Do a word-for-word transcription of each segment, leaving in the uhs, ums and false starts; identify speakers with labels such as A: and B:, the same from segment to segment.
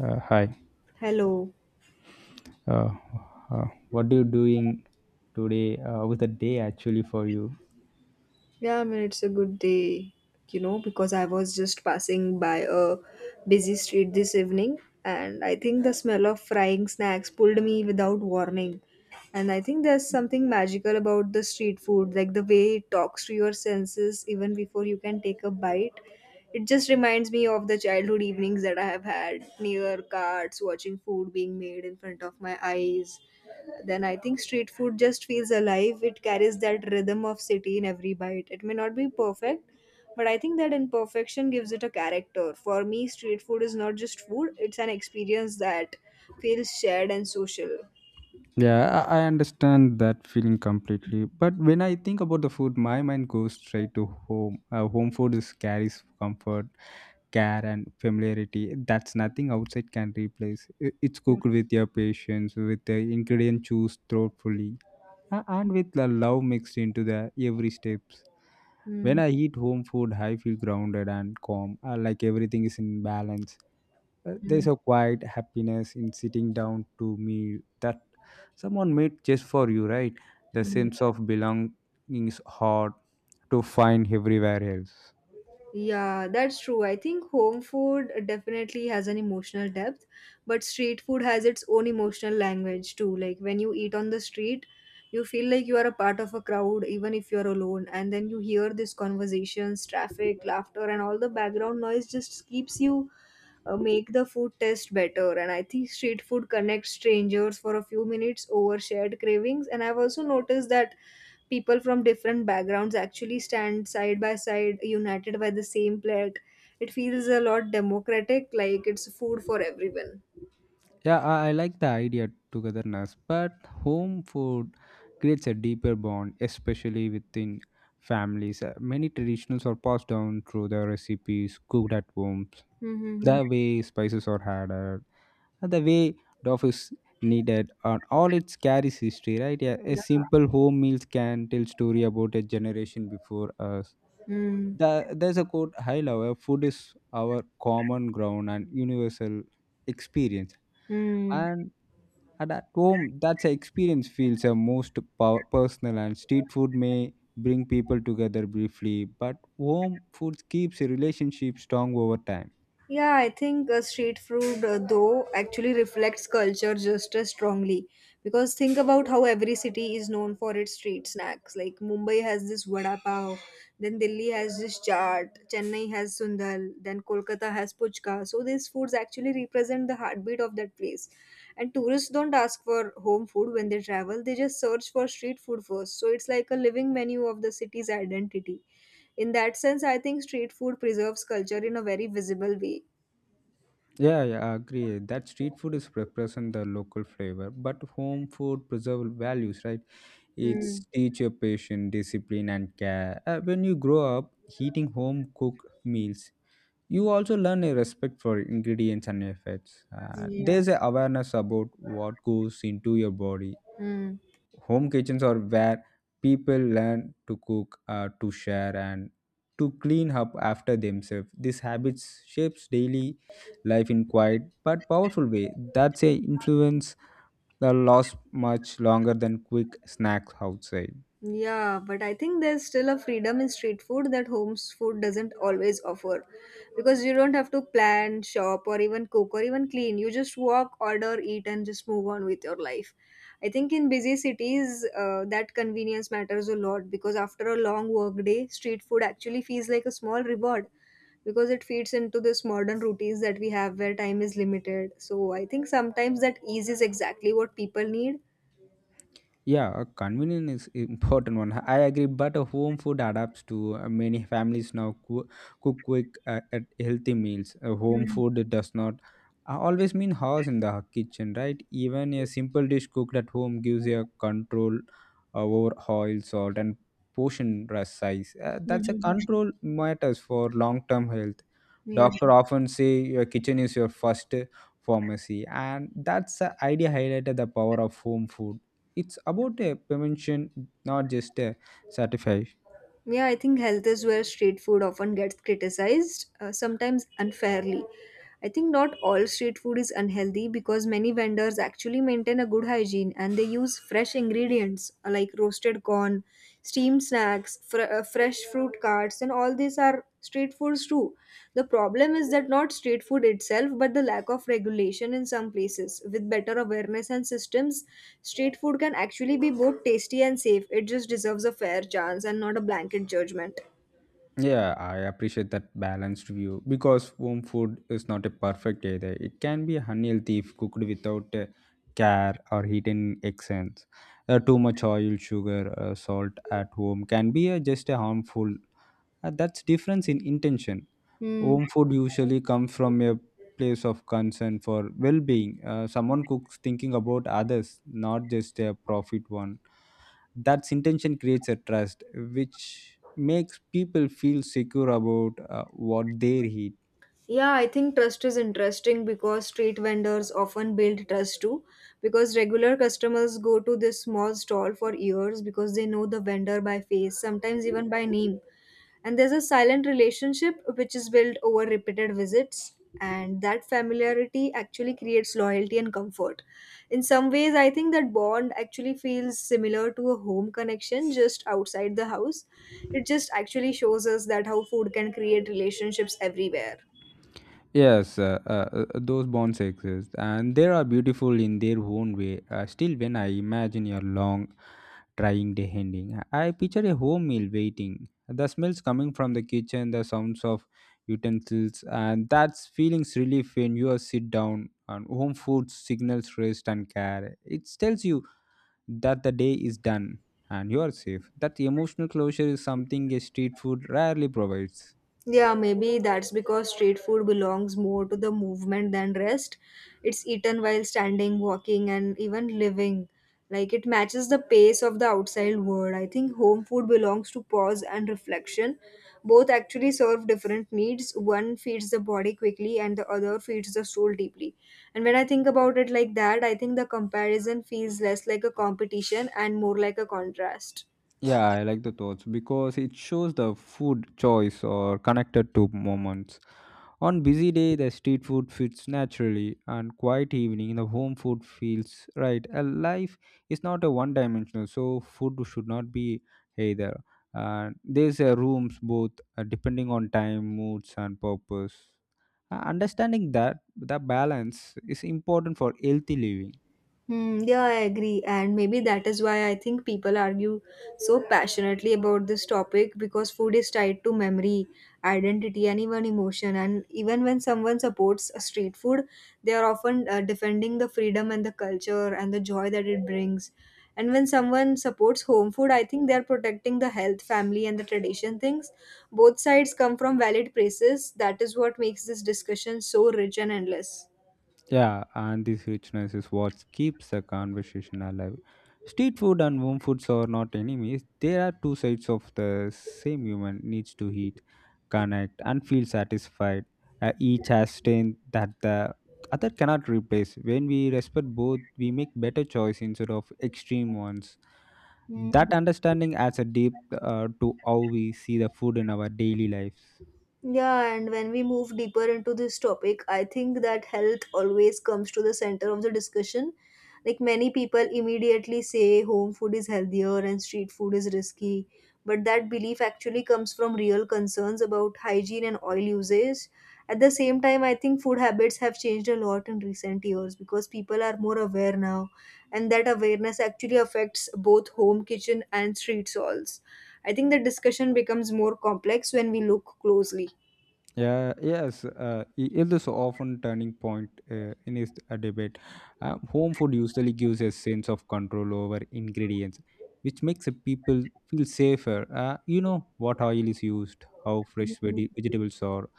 A: Uh, hi.
B: Hello.
A: Uh, uh, what are you doing today? Uh, with a day actually for you?
B: Yeah, I mean, it's a good day, you know, because I was just passing by a busy street this evening, and I think the smell of frying snacks pulled me without warning. And I think there's something magical about the street food, like the way it talks to your senses even before you can take a bite. It just reminds me of the childhood evenings that I have had near carts, watching food being made in front of my eyes then I think street food just feels alive. It carries that rhythm of city in every bite. It may not be perfect, but I think that imperfection gives it a character. For me, street food is not just food, it's an experience that feels shared and social.
A: Yeah, I I understand that feeling completely. But when I think about the food, my mind goes straight to home. Uh, home food is carries comfort, care, and familiarity. That's nothing outside can replace. I- It's cooked with your patience, with the ingredient choose thoughtfully, a- and with the love mixed into the every step.
B: Mm-hmm.
A: When I eat home food, I feel grounded and calm, uh, like everything is in balance. Uh, there's a quiet happiness in sitting down to meal that someone made just for you, right? The sense of belonging is hard to find everywhere else.
B: Yeah, that's true. I think home food definitely has an emotional depth, but street food has its own emotional language too. Like when you eat on the street, you feel like you are a part of a crowd, even if you're alone. And then you hear these conversations, traffic, laughter, and all the background noise just keeps you uh, make the food taste better. And I think street food connects strangers for a few minutes over shared cravings. And I've also noticed that people from different backgrounds actually stand side by side united by the same plate, it feels a lot democratic, like it's food for everyone.
A: Yeah, I, I like the idea togetherness, but home food creates a deeper bond, especially within families. Uh, many traditions are passed down through the recipes cooked at home.
B: Mm-hmm.
A: The way spices are added, the way Dove is needed and all it carries history, right? Yeah, a
B: Yeah.
A: simple home meals can tell story about a generation before us.
B: Mm.
A: The, there's a quote I love, "Our food is our common ground and universal experience,"
B: Mm.
A: and at at home that's an experience feels the most pow- personal, and street food may bring people together briefly but home food keeps a relationship strong over time.
B: Yeah, I think uh, street food, uh, though, actually reflects culture just as strongly. Because think about how every city is known for its street snacks. Like Mumbai has this vada pav, then Delhi has this chaat, Chennai has sundal, then Kolkata has puchka. So these foods actually represent the heartbeat of that place. And tourists don't ask for home food when they travel; they just search for street food first. So it's like a living menu of the city's identity. In that sense, I think street food preserves culture in a very visible way.
A: Yeah, yeah, I agree. That street food is represent the local flavor, but home food preserve values, right? It's
B: Mm,
A: teach your patience, discipline, and care. Uh, when you grow up eating home cooked meals, you also learn a respect for ingredients and efforts. Uh,
B: yeah.
A: there's a awareness about what goes into your body.
B: Mm,
A: Home kitchens are where people learn to cook, uh, to share and to clean up after themselves. This habit shapes daily life in quiet but powerful way. That's a influence that lasts much longer than quick snacks outside.
B: yeah, but I think there's still a freedom in street food that home food doesn't always offer because you don't have to plan, shop, or even cook or even clean. You just walk, order, eat, and just move on with your life. I think in busy cities, uh, that convenience matters a lot because after a long work day, street food actually feels like a small reward because it feeds into this modern routines that we have where time is limited. So I think sometimes that ease is exactly what people need.
A: Yeah, uh, convenience is important one. I agree, but a home food adapts to, uh, many families now coo- cook quick uh, at healthy meals. Uh, home food does not uh, always mean house in the kitchen, right? Even a simple dish cooked at home gives you a control uh, over oil, salt, and portion rest size. Uh, that's a
B: Mhm.
A: control matters for long-term health.
B: Yeah.
A: Doctor often say your kitchen is your first uh, pharmacy, and that's the idea highlighted the power of home food. It's about a prevention, not just a satisfy.
B: Yeah, I think health is where street food often gets criticized, uh, sometimes unfairly. I think not all street food is unhealthy because many vendors actually maintain a good hygiene and they use fresh ingredients uh, like roasted corn, steamed snacks, fr- uh, fresh fruit carts, and all these are street foods too. The problem is that not street food itself but the lack of regulation in some places. With better awareness and systems, street food can actually be both tasty and safe. It just deserves a fair chance and not a blanket judgment.
A: Yeah, I appreciate that balanced view because home food is not a perfect either. It can be unhealthy if cooked without uh, care or hidden accents. Uh, too much oil sugar uh, salt at home can be, uh, just a harmful. Uh, that's difference in intention.
B: Hmm.
A: Home food usually comes from a place of concern for well being. Uh, someone cooks thinking about others, not just a profit one. That intention creates a trust, which makes people feel secure about uh, what they eat.
B: Yeah, I think trust is interesting because street vendors often build trust too. Because regular customers go to this small stall for years because they know the vendor by face, sometimes even by name. And there's a silent relationship which is built over repeated visits, and that familiarity actually creates loyalty and comfort. In some ways, I think that bond actually feels similar to a home connection just outside the house. It just actually shows us that how food can create relationships everywhere.
A: Yes, uh, uh, uh, those bonds exist, and they are beautiful in their own way. Uh, still, when I imagine your long, trying day ending, I picture a home meal waiting. The smells coming from the kitchen, the sounds of utensils, and that's feelings relief when you are sit down. And home food signals rest and care. It tells you that the day is done and you are safe. That emotional closure is something a street food rarely provides.
B: Yeah, maybe that's because street food belongs more to the movement than rest. It's eaten while standing, walking, and even living. Like it matches the pace of the outside world. I think home food belongs to pause and reflection. Both actually serve different needs. One feeds the body quickly, and the other feeds the soul deeply. And when I think about it like that, I think the comparison feels less like a competition and more like a contrast.
A: Yeah, I like the thoughts because it shows the food choice or connected to moments. On busy day, the street food fits naturally, and quiet evening, the home food feels right. A life is not a one-dimensional, so food should not be either. And there's a rooms both, uh, depending on time, moods, and purpose. Uh, Understanding that the balance is important for healthy living.
B: Hmm, yeah, I agree. And maybe that is why I think people argue so passionately about this topic because food is tied to memory, identity, and even emotion. And even when someone supports a street food, they are often uh, defending the freedom and the culture and the joy that it brings. And when someone supports home food, I think they are protecting the health, family, and the tradition things. Both sides come from valid places. That is what makes this discussion so rich and endless.
A: Yeah, and this richness is what keeps the conversation alive. Street food and home foods are not enemies. They are two sides of the same human needs to eat, connect, and feel satisfied. Uh, each has strength that the other cannot replace. When we respect both, we make better choice instead of extreme ones.
B: Hmm.
A: That understanding adds a depth uh, to how we see the food in our daily lives.
B: Yeah, and when we move deeper into this topic, I think that health always comes to the center of the discussion. Like many people immediately say home food is healthier and street food is risky, but that belief actually comes from real concerns about hygiene and oil usage. At the same time, I think food habits have changed a lot in recent years because people are more aware now, and that awareness actually affects both home kitchen and street stalls. I think the discussion becomes more complex when we look closely.
A: Yeah, yes, uh, i- it is often turning point uh, in is a debate. Uh, home food usually gives a sense of control over ingredients, which makes the people feel safer. Uh, you know what oil is used, how fresh veg- vegetables are,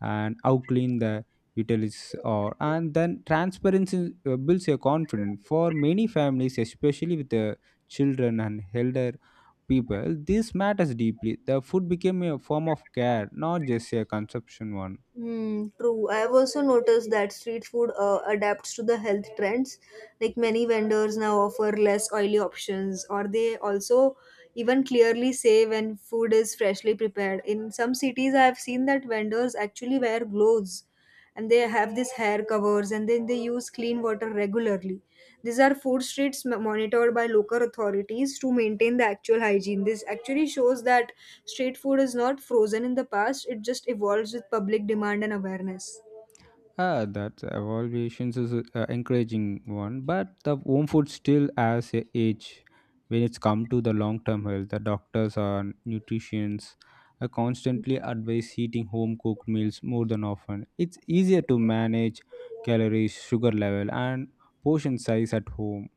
A: and how clean the utilities are, and then transparency uh, builds a confidence for many families, especially with the children and elder people. This matters deeply. The food became a form of care, not just a consumption one.
B: Hmm, true. I've also noticed that street food uh, adapts to the health trends. Like many vendors now offer less oily options, or they also even clearly say when food is freshly prepared. In some cities, I have seen that vendors actually wear gloves and they have these hair covers and then they use clean water regularly. These are food streets m- monitored by local authorities to maintain the actual hygiene. This actually shows that street food is not frozen in the past, it just evolves with public demand and awareness.
A: Ah, that evaluations is uh, encouraging one, but the home food still has a age when it's come to the long-term health. The doctors or nutritionists uh, constantly advise eating home-cooked meals more than often. It's easier to manage calories, sugar level, and portion size at home.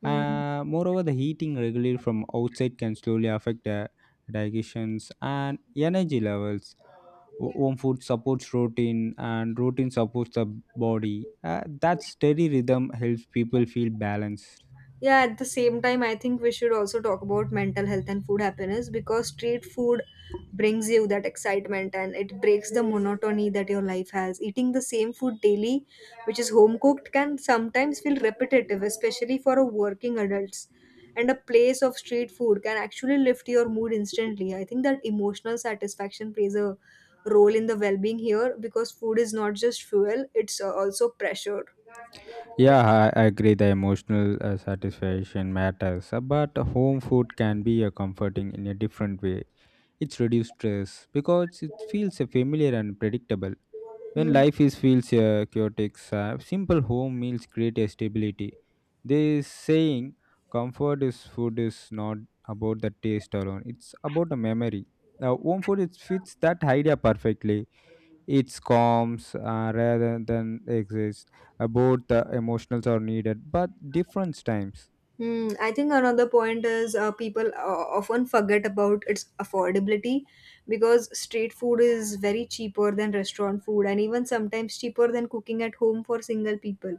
B: Hmm.
A: Uh, moreover, the heating regularly from outside can slowly affect the digestions and energy levels. Ho- home food supports routine and routine supports the body. Uh, that steady rhythm helps people feel balanced.
B: Yeah, at the same time, I think we should also talk about mental health and food happiness because street food brings you that excitement and it breaks the monotony that your life has. Eating the same food daily, which is home cooked, can sometimes feel repetitive, especially for a working adults. And a place of street food can actually lift your mood instantly. I think that emotional satisfaction plays a role in the well-being here because food is not just fuel, it's uh, also pressure.
A: Yeah, I I agree. The emotional uh, satisfaction matters, uh, but home food can be a comforting in a different way. It's reduced stress because it feels uh, familiar and predictable. When life is feels uh, chaotic, uh, simple home meals create a stability. They saying comfort is food is not about the taste alone; it's about the memory. Now, home food it fits that idea perfectly. It's calms, uh, rather than exists. Uh, Both the emotions are needed, but different times.
B: Hmm, I think another point is uh, people uh, often forget about its affordability because street food is very cheaper than restaurant food and even sometimes cheaper than cooking at home for single people.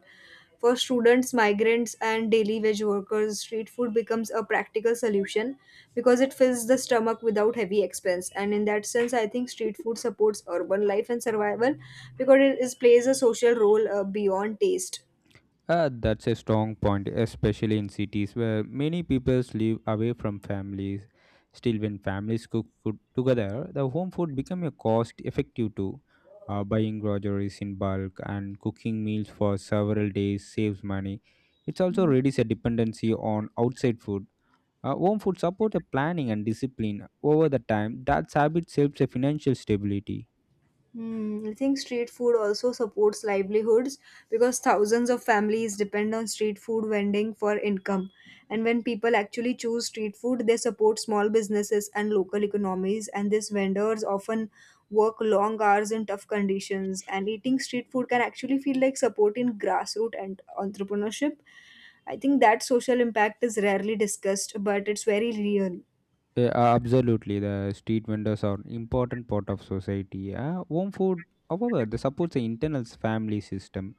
B: For students, migrants, and daily wage workers, street food becomes a practical solution because it fills the stomach without heavy expense. And in that sense, I think street food supports urban life and survival because it is, plays a social role uh, beyond taste.
A: Uh, that's a strong point, especially in cities where many peoples live away from families. Still, when families cook food together, the home food become a cost effective too. Uh, buying groceries in bulk and cooking meals for several days saves money. It's also reduces a dependency on outside food. Uh, home food support a planning and discipline over the time. That habit helps a financial stability.
B: Hmm, I think street food also supports livelihoods because thousands of families depend on street food vending for income. And when people actually choose street food, they support small businesses and local economies. And these vendors often work long hours in tough conditions. And eating street food can actually feel like supporting grassroots and entrepreneurship. I think that social impact is rarely discussed, but it's very real.
A: Yeah, uh, absolutely. The street vendors are an important part of society. Uh, home food, however, the supports the internal family system.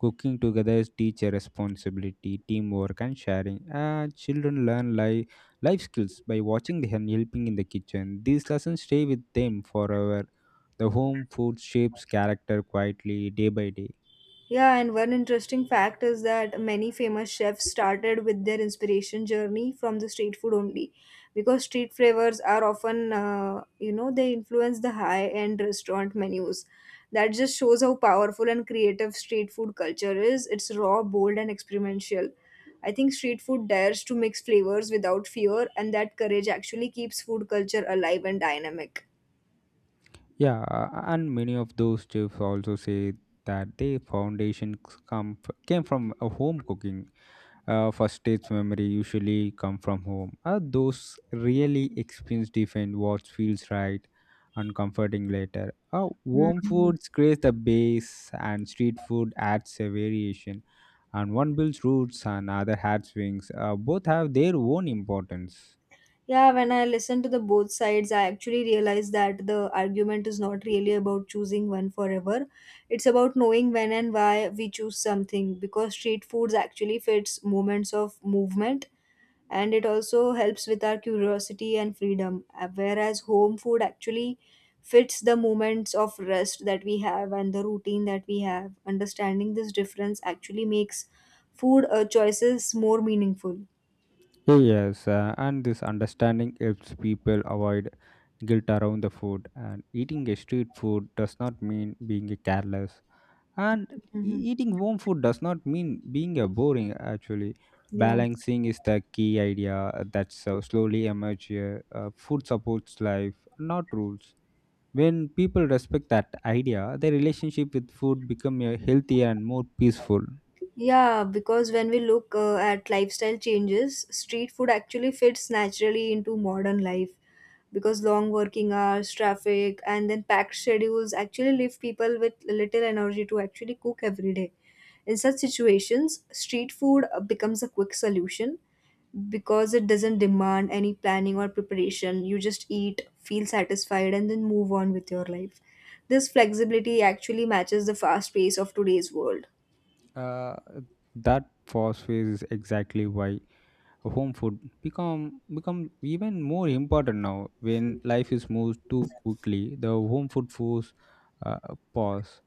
A: Cooking together is teacher responsibility, teamwork, and sharing. Uh, children learn li- life skills by watching them helping in the kitchen. These lessons stay with them forever. The home food shapes character quietly, day by day.
B: Yeah, and one interesting fact is that many famous chefs started with their inspiration journey from the street food only, because street flavors are often, uh, you know, they influence the high-end restaurant menus. That just shows how powerful and creative street food culture is. It's raw, bold, and experimental. I think street food dares to mix flavors without fear, and that courage actually keeps food culture alive and dynamic.
A: Yeah, uh, and many of those chefs also say that their foundation comes came from a home cooking. Uh, first state's memory usually come from home. Uh, those really experience defend what feels right and comforting later. Uh,
B: Hmm.
A: warm foods creates the base and street food adds a variation. And one builds roots and other has wings. Uh, both have their own importance.
B: Yeah, when I listen to the both sides, I actually realize that the argument is not really about choosing one forever. It's about knowing when and why we choose something because street foods actually fits moments of movement and it also helps with our curiosity and freedom, uh, whereas home food actually fits the moments of rest that we have and the routine that we have. Understanding this difference actually makes food uh, choices more meaningful.
A: Yes, uh, and this understanding helps people avoid guilt around the food. And eating a street food does not mean being careless. And
B: Hmm.
A: e- eating home food does not mean being a boring, actually.
B: Yeah.
A: Balancing is the key idea uh, that's uh, slowly emerge here. Uh, food supports life, not rules. When people respect that idea, their relationship with food become uh, healthier and more peaceful.
B: Yeah, because when we look uh, at lifestyle changes, street food actually fits naturally into modern life because long working hours, traffic, and then packed schedules actually leave people with little energy to actually cook every day. In such situations, street food uh, becomes a quick solution because it doesn't demand any planning or preparation. You just eat, feel satisfied, and then move on with your life. This flexibility actually matches the fast pace of today's world.
A: Uh, that phosphate is exactly why home food become become even more important now. When life is moved too quickly, the home food force, uh, pause.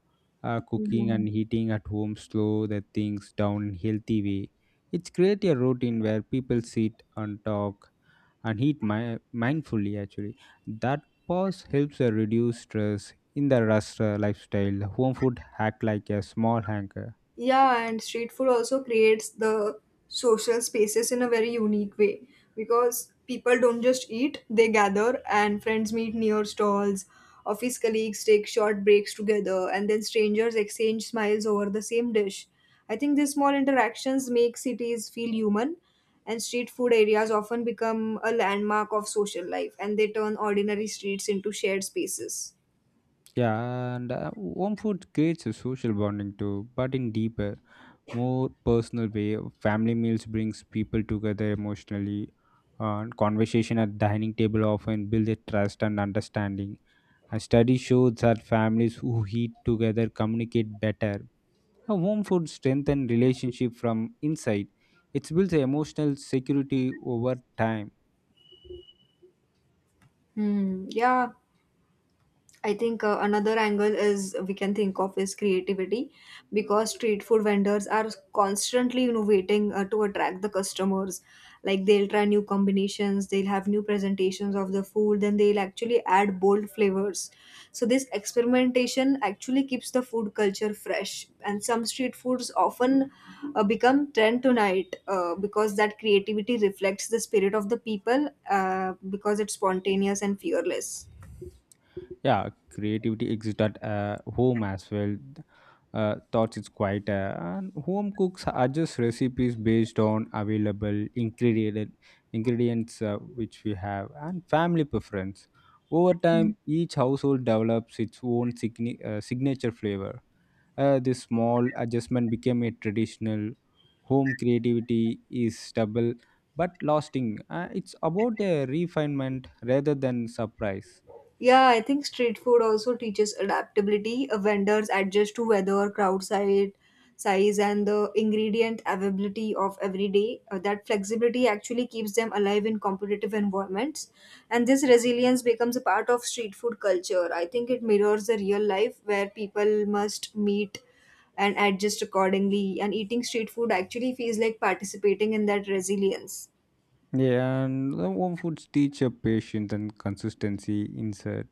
A: uh, Cooking and
B: Mhm.
A: heating at home slow the things down in healthy way. It's create a routine where people sit and talk and eat mi- mindfully actually. That pause helps uh, reduce stress in the rush uh, lifestyle. Home food act like a small anchor.
B: Yeah, and street food also creates the social spaces in a very unique way because people don't just eat, they gather and friends meet near stalls. Office colleagues take short breaks together and then strangers exchange smiles over the same dish. I think these small interactions make cities feel human, and street food areas often become a landmark of social life and they turn ordinary streets into shared spaces.
A: Yeah, and uh, home food creates a social bonding too, but in deeper, more personal way. Family meals brings people together emotionally. Uh, conversation at dining table often build a trust and understanding. A study shows that families who eat together communicate better. A home food strengthens relationship from inside. It builds emotional security over time.
B: Hmm, yeah. I think uh, another angle is we can think of is creativity because street food vendors are constantly innovating uh, to attract the customers. Like they'll try new combinations, they'll have new presentations of the food, then they'll actually add bold flavors. So, this experimentation actually keeps the food culture fresh. And some street foods often uh, become trend tonight uh, because that creativity reflects the spirit of the people uh, because it's spontaneous and fearless.
A: Yeah, creativity exists at uh, home as well. Uh, thoughts it's quite, uh, and home cooks adjust recipes based on available ingredient ingredients, uh, which we have and family preference over time. Each household develops its own signi- uh, signature flavor. Uh, this small adjustment became a traditional home creativity. Is stable but lasting. Uh, it's about a refinement rather than surprise.
B: Yeah, I think street food also teaches adaptability. Uh, vendors adjust to weather, crowd size, size, and the ingredient availability of every day. Uh, that flexibility actually keeps them alive in competitive environments, and this resilience becomes a part of street food culture. I think it mirrors the real life where people must meet and adjust accordingly. And eating street food actually feels like participating in that resilience.
A: Yeah, and the home foods teach a patience and consistency. Insert,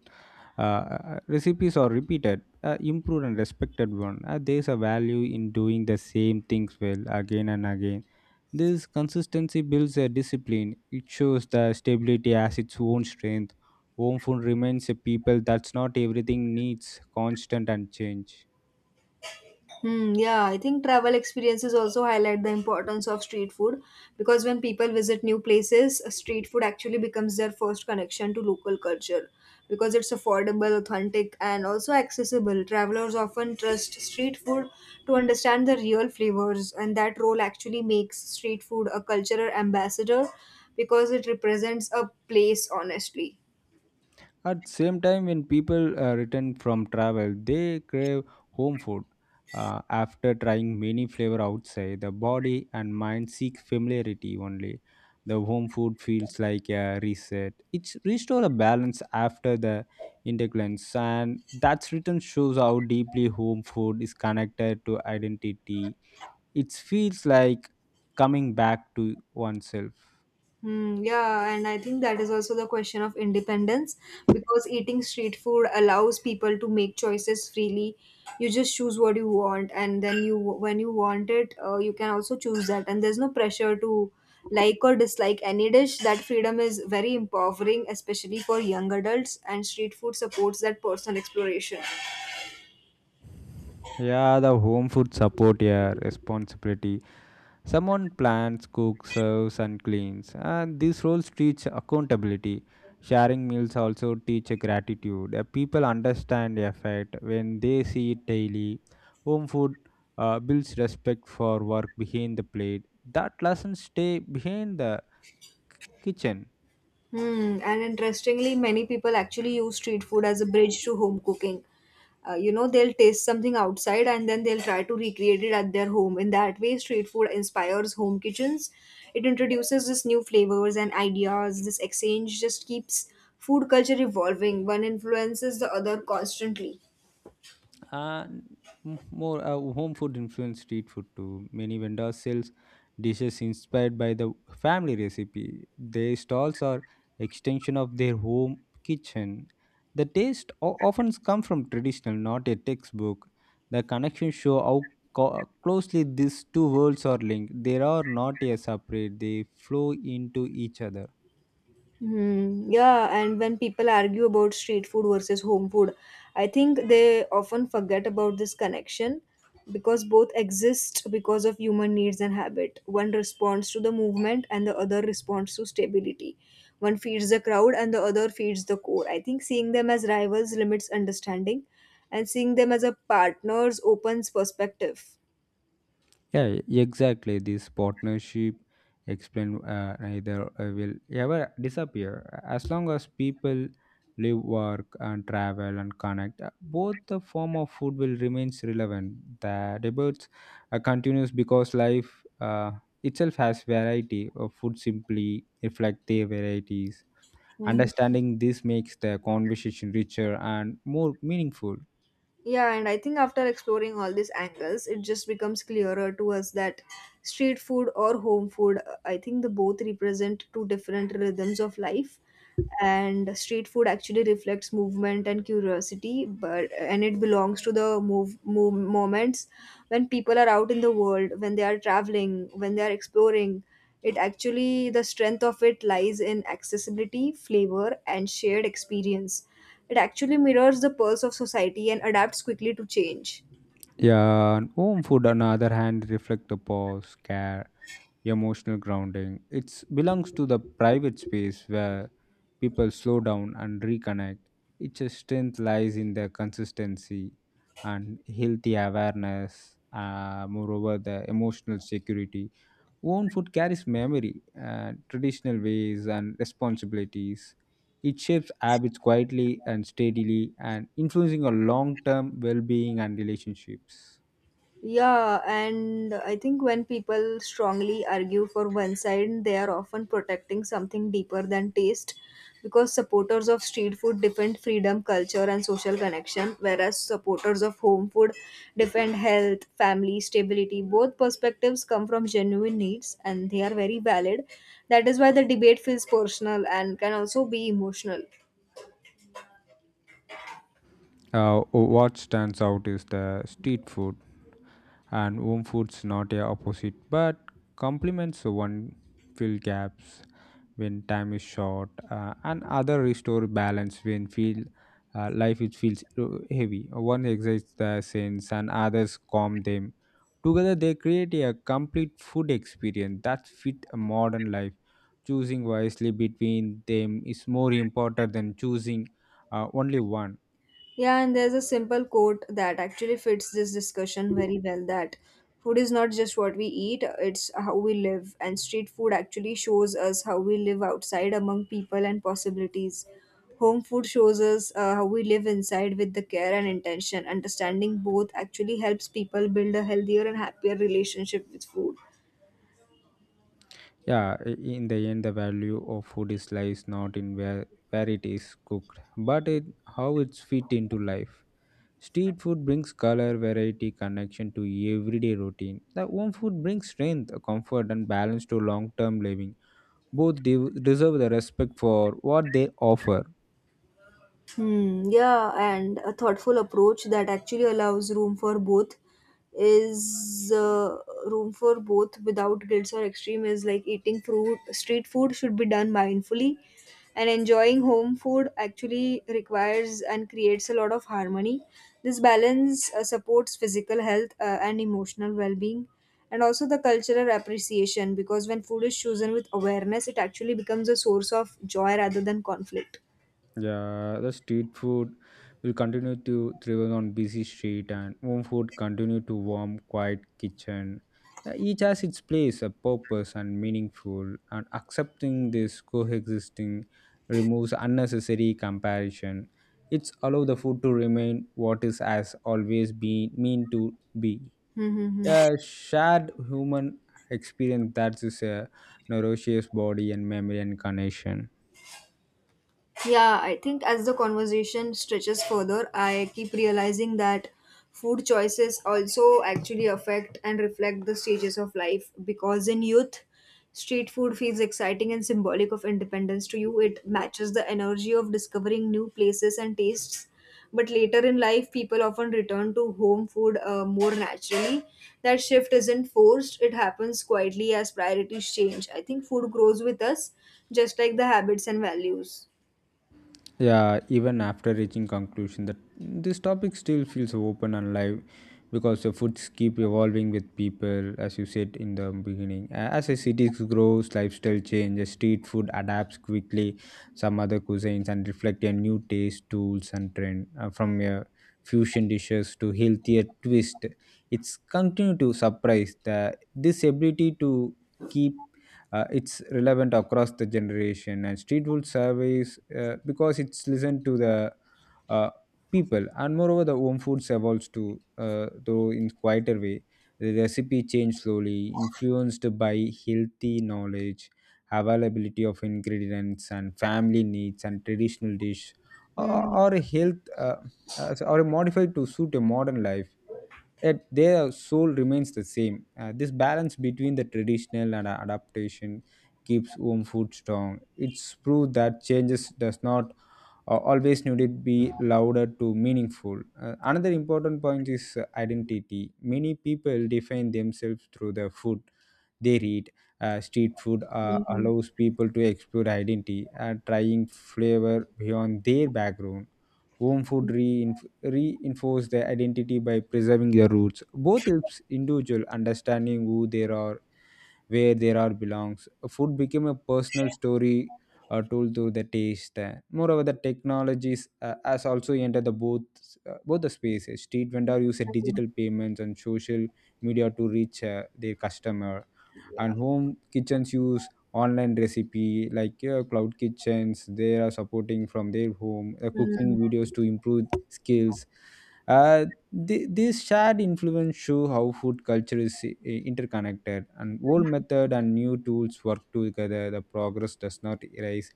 A: Uh, uh, recipes are repeated, uh, improved and respected one. Uh, there's a value in doing the same things well again and again. This consistency builds a discipline. It shows the stability as its own strength. Home food remains a people that's not everything needs constant and change.
B: Hmm, yeah, I think travel experiences also highlight the importance of street food because when people visit new places, street food actually becomes their first connection to local culture because it's affordable, authentic, and also accessible. Travelers often trust street food to understand the real flavors, and that role actually makes street food a cultural ambassador because it represents a place honestly.
A: At same time, when people uh, return from travel, they crave home food. Uh, after trying many flavor outside, the body and mind seek familiarity only. The home food feels like a reset. It's restore a balance after the interclence, and that return shows how deeply home food is connected to identity. It feels like coming back to oneself.
B: Hmm, yeah, and I think that is also the question of independence because eating street food allows people to make choices freely. You just choose what you want, and then you, when you want it, uh, you can also choose that. And there's no pressure to like or dislike any dish. That freedom is very empowering, especially for young adults, and street food supports that personal exploration.
A: Yeah, the home food support, yeah, responsibility. Someone plans, cooks, serves, and cleans, and these roles teach accountability. Sharing meals also teach gratitude. Uh, People understand effort when they see it daily. Home food uh, builds respect for work behind the plate. That lessons stay behind the kitchen.
B: Hmm, and interestingly, many people actually use street food as a bridge to home cooking. Uh, you know, they'll taste something outside and then they'll try to recreate it at their home. In that way, street food inspires home kitchens. It introduces this new flavors and ideas. This exchange just keeps food culture evolving. One influences the other constantly.
A: Uh, n- m- more uh, home food influenced street food too. Many vendors sells dishes inspired by the family recipe. Their stalls are extension of their home kitchen. The taste o- often comes from traditional, not a textbook. The connections show how co- closely these two worlds are linked. They are not a separate; they flow into each other.
B: Hmm. Yeah, and when people argue about street food versus home food, I think they often forget about this connection because both exist because of human needs and habit. One responds to the movement and the other responds to stability. One feeds the crowd and the other feeds the core. I think seeing them as rivals limits understanding and seeing them as a partners opens perspective.
A: Yeah, exactly. This partnership explain uh, neither uh, will ever disappear as long as people live, work, and travel and connect. uh, Both the form of food will remains relevant. The debates uh, continues because life uh, itself has variety. Of food simply reflect their varieties. Understanding this makes the conversation richer and more meaningful.
B: Yeah, and I think after exploring all these angles, it just becomes clearer to us that street food or home food, uh, I think the both represent two different rhythms of life. And street food actually reflects movement and curiosity, but and it belongs to the move, move moments when people are out in the world, when they are traveling, when they are exploring, it actually, the strength of it lies in accessibility, flavor, and shared experience. It actually mirrors the pulse of society and adapts quickly to change.
A: Yeah, and home food on the other hand reflect the pause, care, emotional grounding. It belongs to the private space where people slow down and reconnect. Its strength lies in the consistency and healthy awareness. Uh, moreover, the emotional security. Own food carries memory, uh, traditional ways, and responsibilities. It shapes habits quietly and steadily, and influencing our long-term well-being and relationships.
B: Yeah, and I think when people strongly argue for one side, they are often protecting something deeper than taste because supporters of street food defend freedom, culture, and social connection, whereas supporters of home food defend health, family, stability. Both perspectives come from genuine needs and they are very valid. That is why the debate feels personal and can also be emotional.
A: Uh, what stands out is the street food and home foods not a opposite but complements one, fill gaps when time is short, uh, and other restore balance when feel uh, life it feels uh, heavy. One excites the sense and others calm them. Together they create a complete food experience that fit a modern life. Choosing wisely between them is more important than choosing uh, only one.
B: Yeah, and there's a simple quote that actually fits this discussion very well that food is not just what we eat, it's how we live. And street food actually shows us how we live outside among people and possibilities. Home food shows us uh, how we live inside with the care and intention. Understanding both actually helps people build a healthier and happier relationship with food.
A: Yeah, i- in the end, the value of food is lies not in where, where it is cooked, but in how it's fit into life. Street food brings color, variety, connection to everyday routine. The home food brings strength, comfort, and balance to long-term living. Both de- deserve the respect for what they offer.
B: Hmm, yeah, and a thoughtful approach that actually allows room for both is uh, room for both without guilt or extreme is like eating fruit street food should be done mindfully and enjoying home food actually requires and creates a lot of harmony. This balance uh, supports physical health uh, and emotional well-being, and also the cultural appreciation because when food is chosen with awareness it actually becomes a source of joy rather than conflict.
A: Yeah, the street food will continue to thrive on busy street, and home food continue to warm, quiet kitchen. Uh, Each has its place, a purpose, and meaningful. And accepting this coexisting removes unnecessary comparison. It's allow the food to remain what is has always been mean to be.
B: Mm-hmm.
A: Yeah, shared human experience that is a nourishes body and memory and connection.
B: Yeah, I think as the conversation stretches further, I keep realizing that food choices also actually affect and reflect the stages of life because in youth, street food feels exciting and symbolic of independence to you. It matches the energy of discovering new places and tastes. But later in life, people often return to home food uh, more naturally. That shift isn't forced, it happens quietly as priorities change. I think food grows with us, just like the habits and values.
A: Yeah, even after reaching conclusion that this topic still feels open and live because the foods keep evolving with people, as you said in the beginning. A- As the cities grows, lifestyle changes, street food adapts quickly, some other cuisines and reflect a new taste, tools and trend, uh, from uh, fusion dishes to healthier twist. It's continue to surprise the this ability to keep uh, it's relevant across the generation, and street food surveys uh, because it's listened to the uh, people. And moreover, the home foods evolves too, uh, though in quieter way. The recipe changed slowly, influenced by healthy knowledge, availability of ingredients and family needs and traditional dish, or,
B: Mm,
A: or a health uh, uh, so, or modified to suit a modern life, yet their soul remains the same. Uh, this balance between the traditional and adaptation keeps home food strong. It's proof that changes does not uh, always needed be louder to meaningful. Uh, another important point is uh, identity. Many people define themselves through the food they read. Uh, street food uh,
B: mhm.
A: allows people to explore identity and trying flavor beyond their background. Home food reinf- reinforce their identity by preserving their roots. Both helps individual understanding who they are, where there are belongs. Food became a personal story, uh, told through the taste. Moreover, the technologies uh, has also entered the both uh, both the spaces. Street vendor use a digital payments and social media to reach uh, their customer,
B: Yeah.
A: and home kitchens use online recipe like uh, cloud kitchens. They are supporting from their home, uh,
B: Mm.
A: cooking videos to improve skills. Uh, Th- These shared influence show how food culture is i- interconnected, and old method and new tools work together. The progress does not erase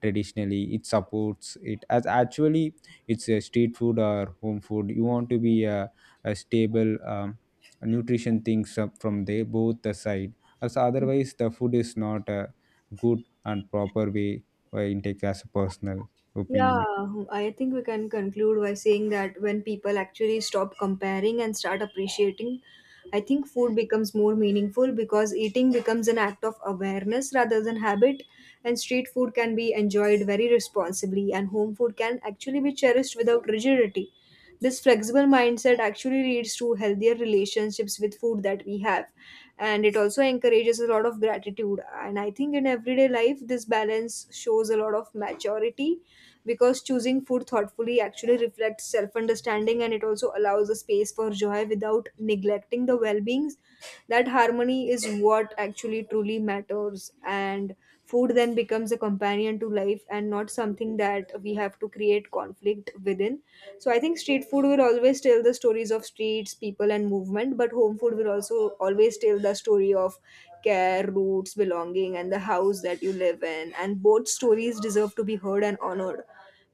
A: traditionally; it supports it. As actually, it's a street food or home food. You want to be a, a stable um, nutrition things up from there both the side. As otherwise, the food is not a good and proper way. I intake as a personal
B: Yeah,
A: opinion.
B: I think we can conclude by saying that when people actually stop comparing and start appreciating, I think food becomes more meaningful because eating becomes an act of awareness rather than habit, and street food can be enjoyed very responsibly, and home food can actually be cherished without rigidity. This flexible mindset actually leads to healthier relationships with food that we have, and it also encourages a lot of gratitude. And I think in everyday life, this balance shows a lot of maturity because choosing food thoughtfully actually reflects self understanding, and it also allows a space for joy without neglecting the well beings. That harmony is what actually truly matters, and food then becomes a companion to life and not something that we have to create conflict within. So I think street food will always tell the stories of streets, people, and movement, but home food will also always tell the story of care, roots, belonging, and the house that you live in. And both stories deserve to be heard and honored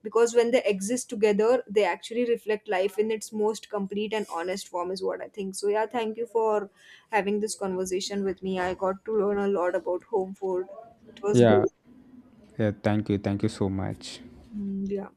B: because when they exist together they actually reflect life in its most complete and honest form, is what I think. So, yeah, thank you for having this conversation with me. I got to learn a lot about home food. It was
A: Yeah,
B: great.
A: yeah. Thank you. Thank you so much.
B: Mm, yeah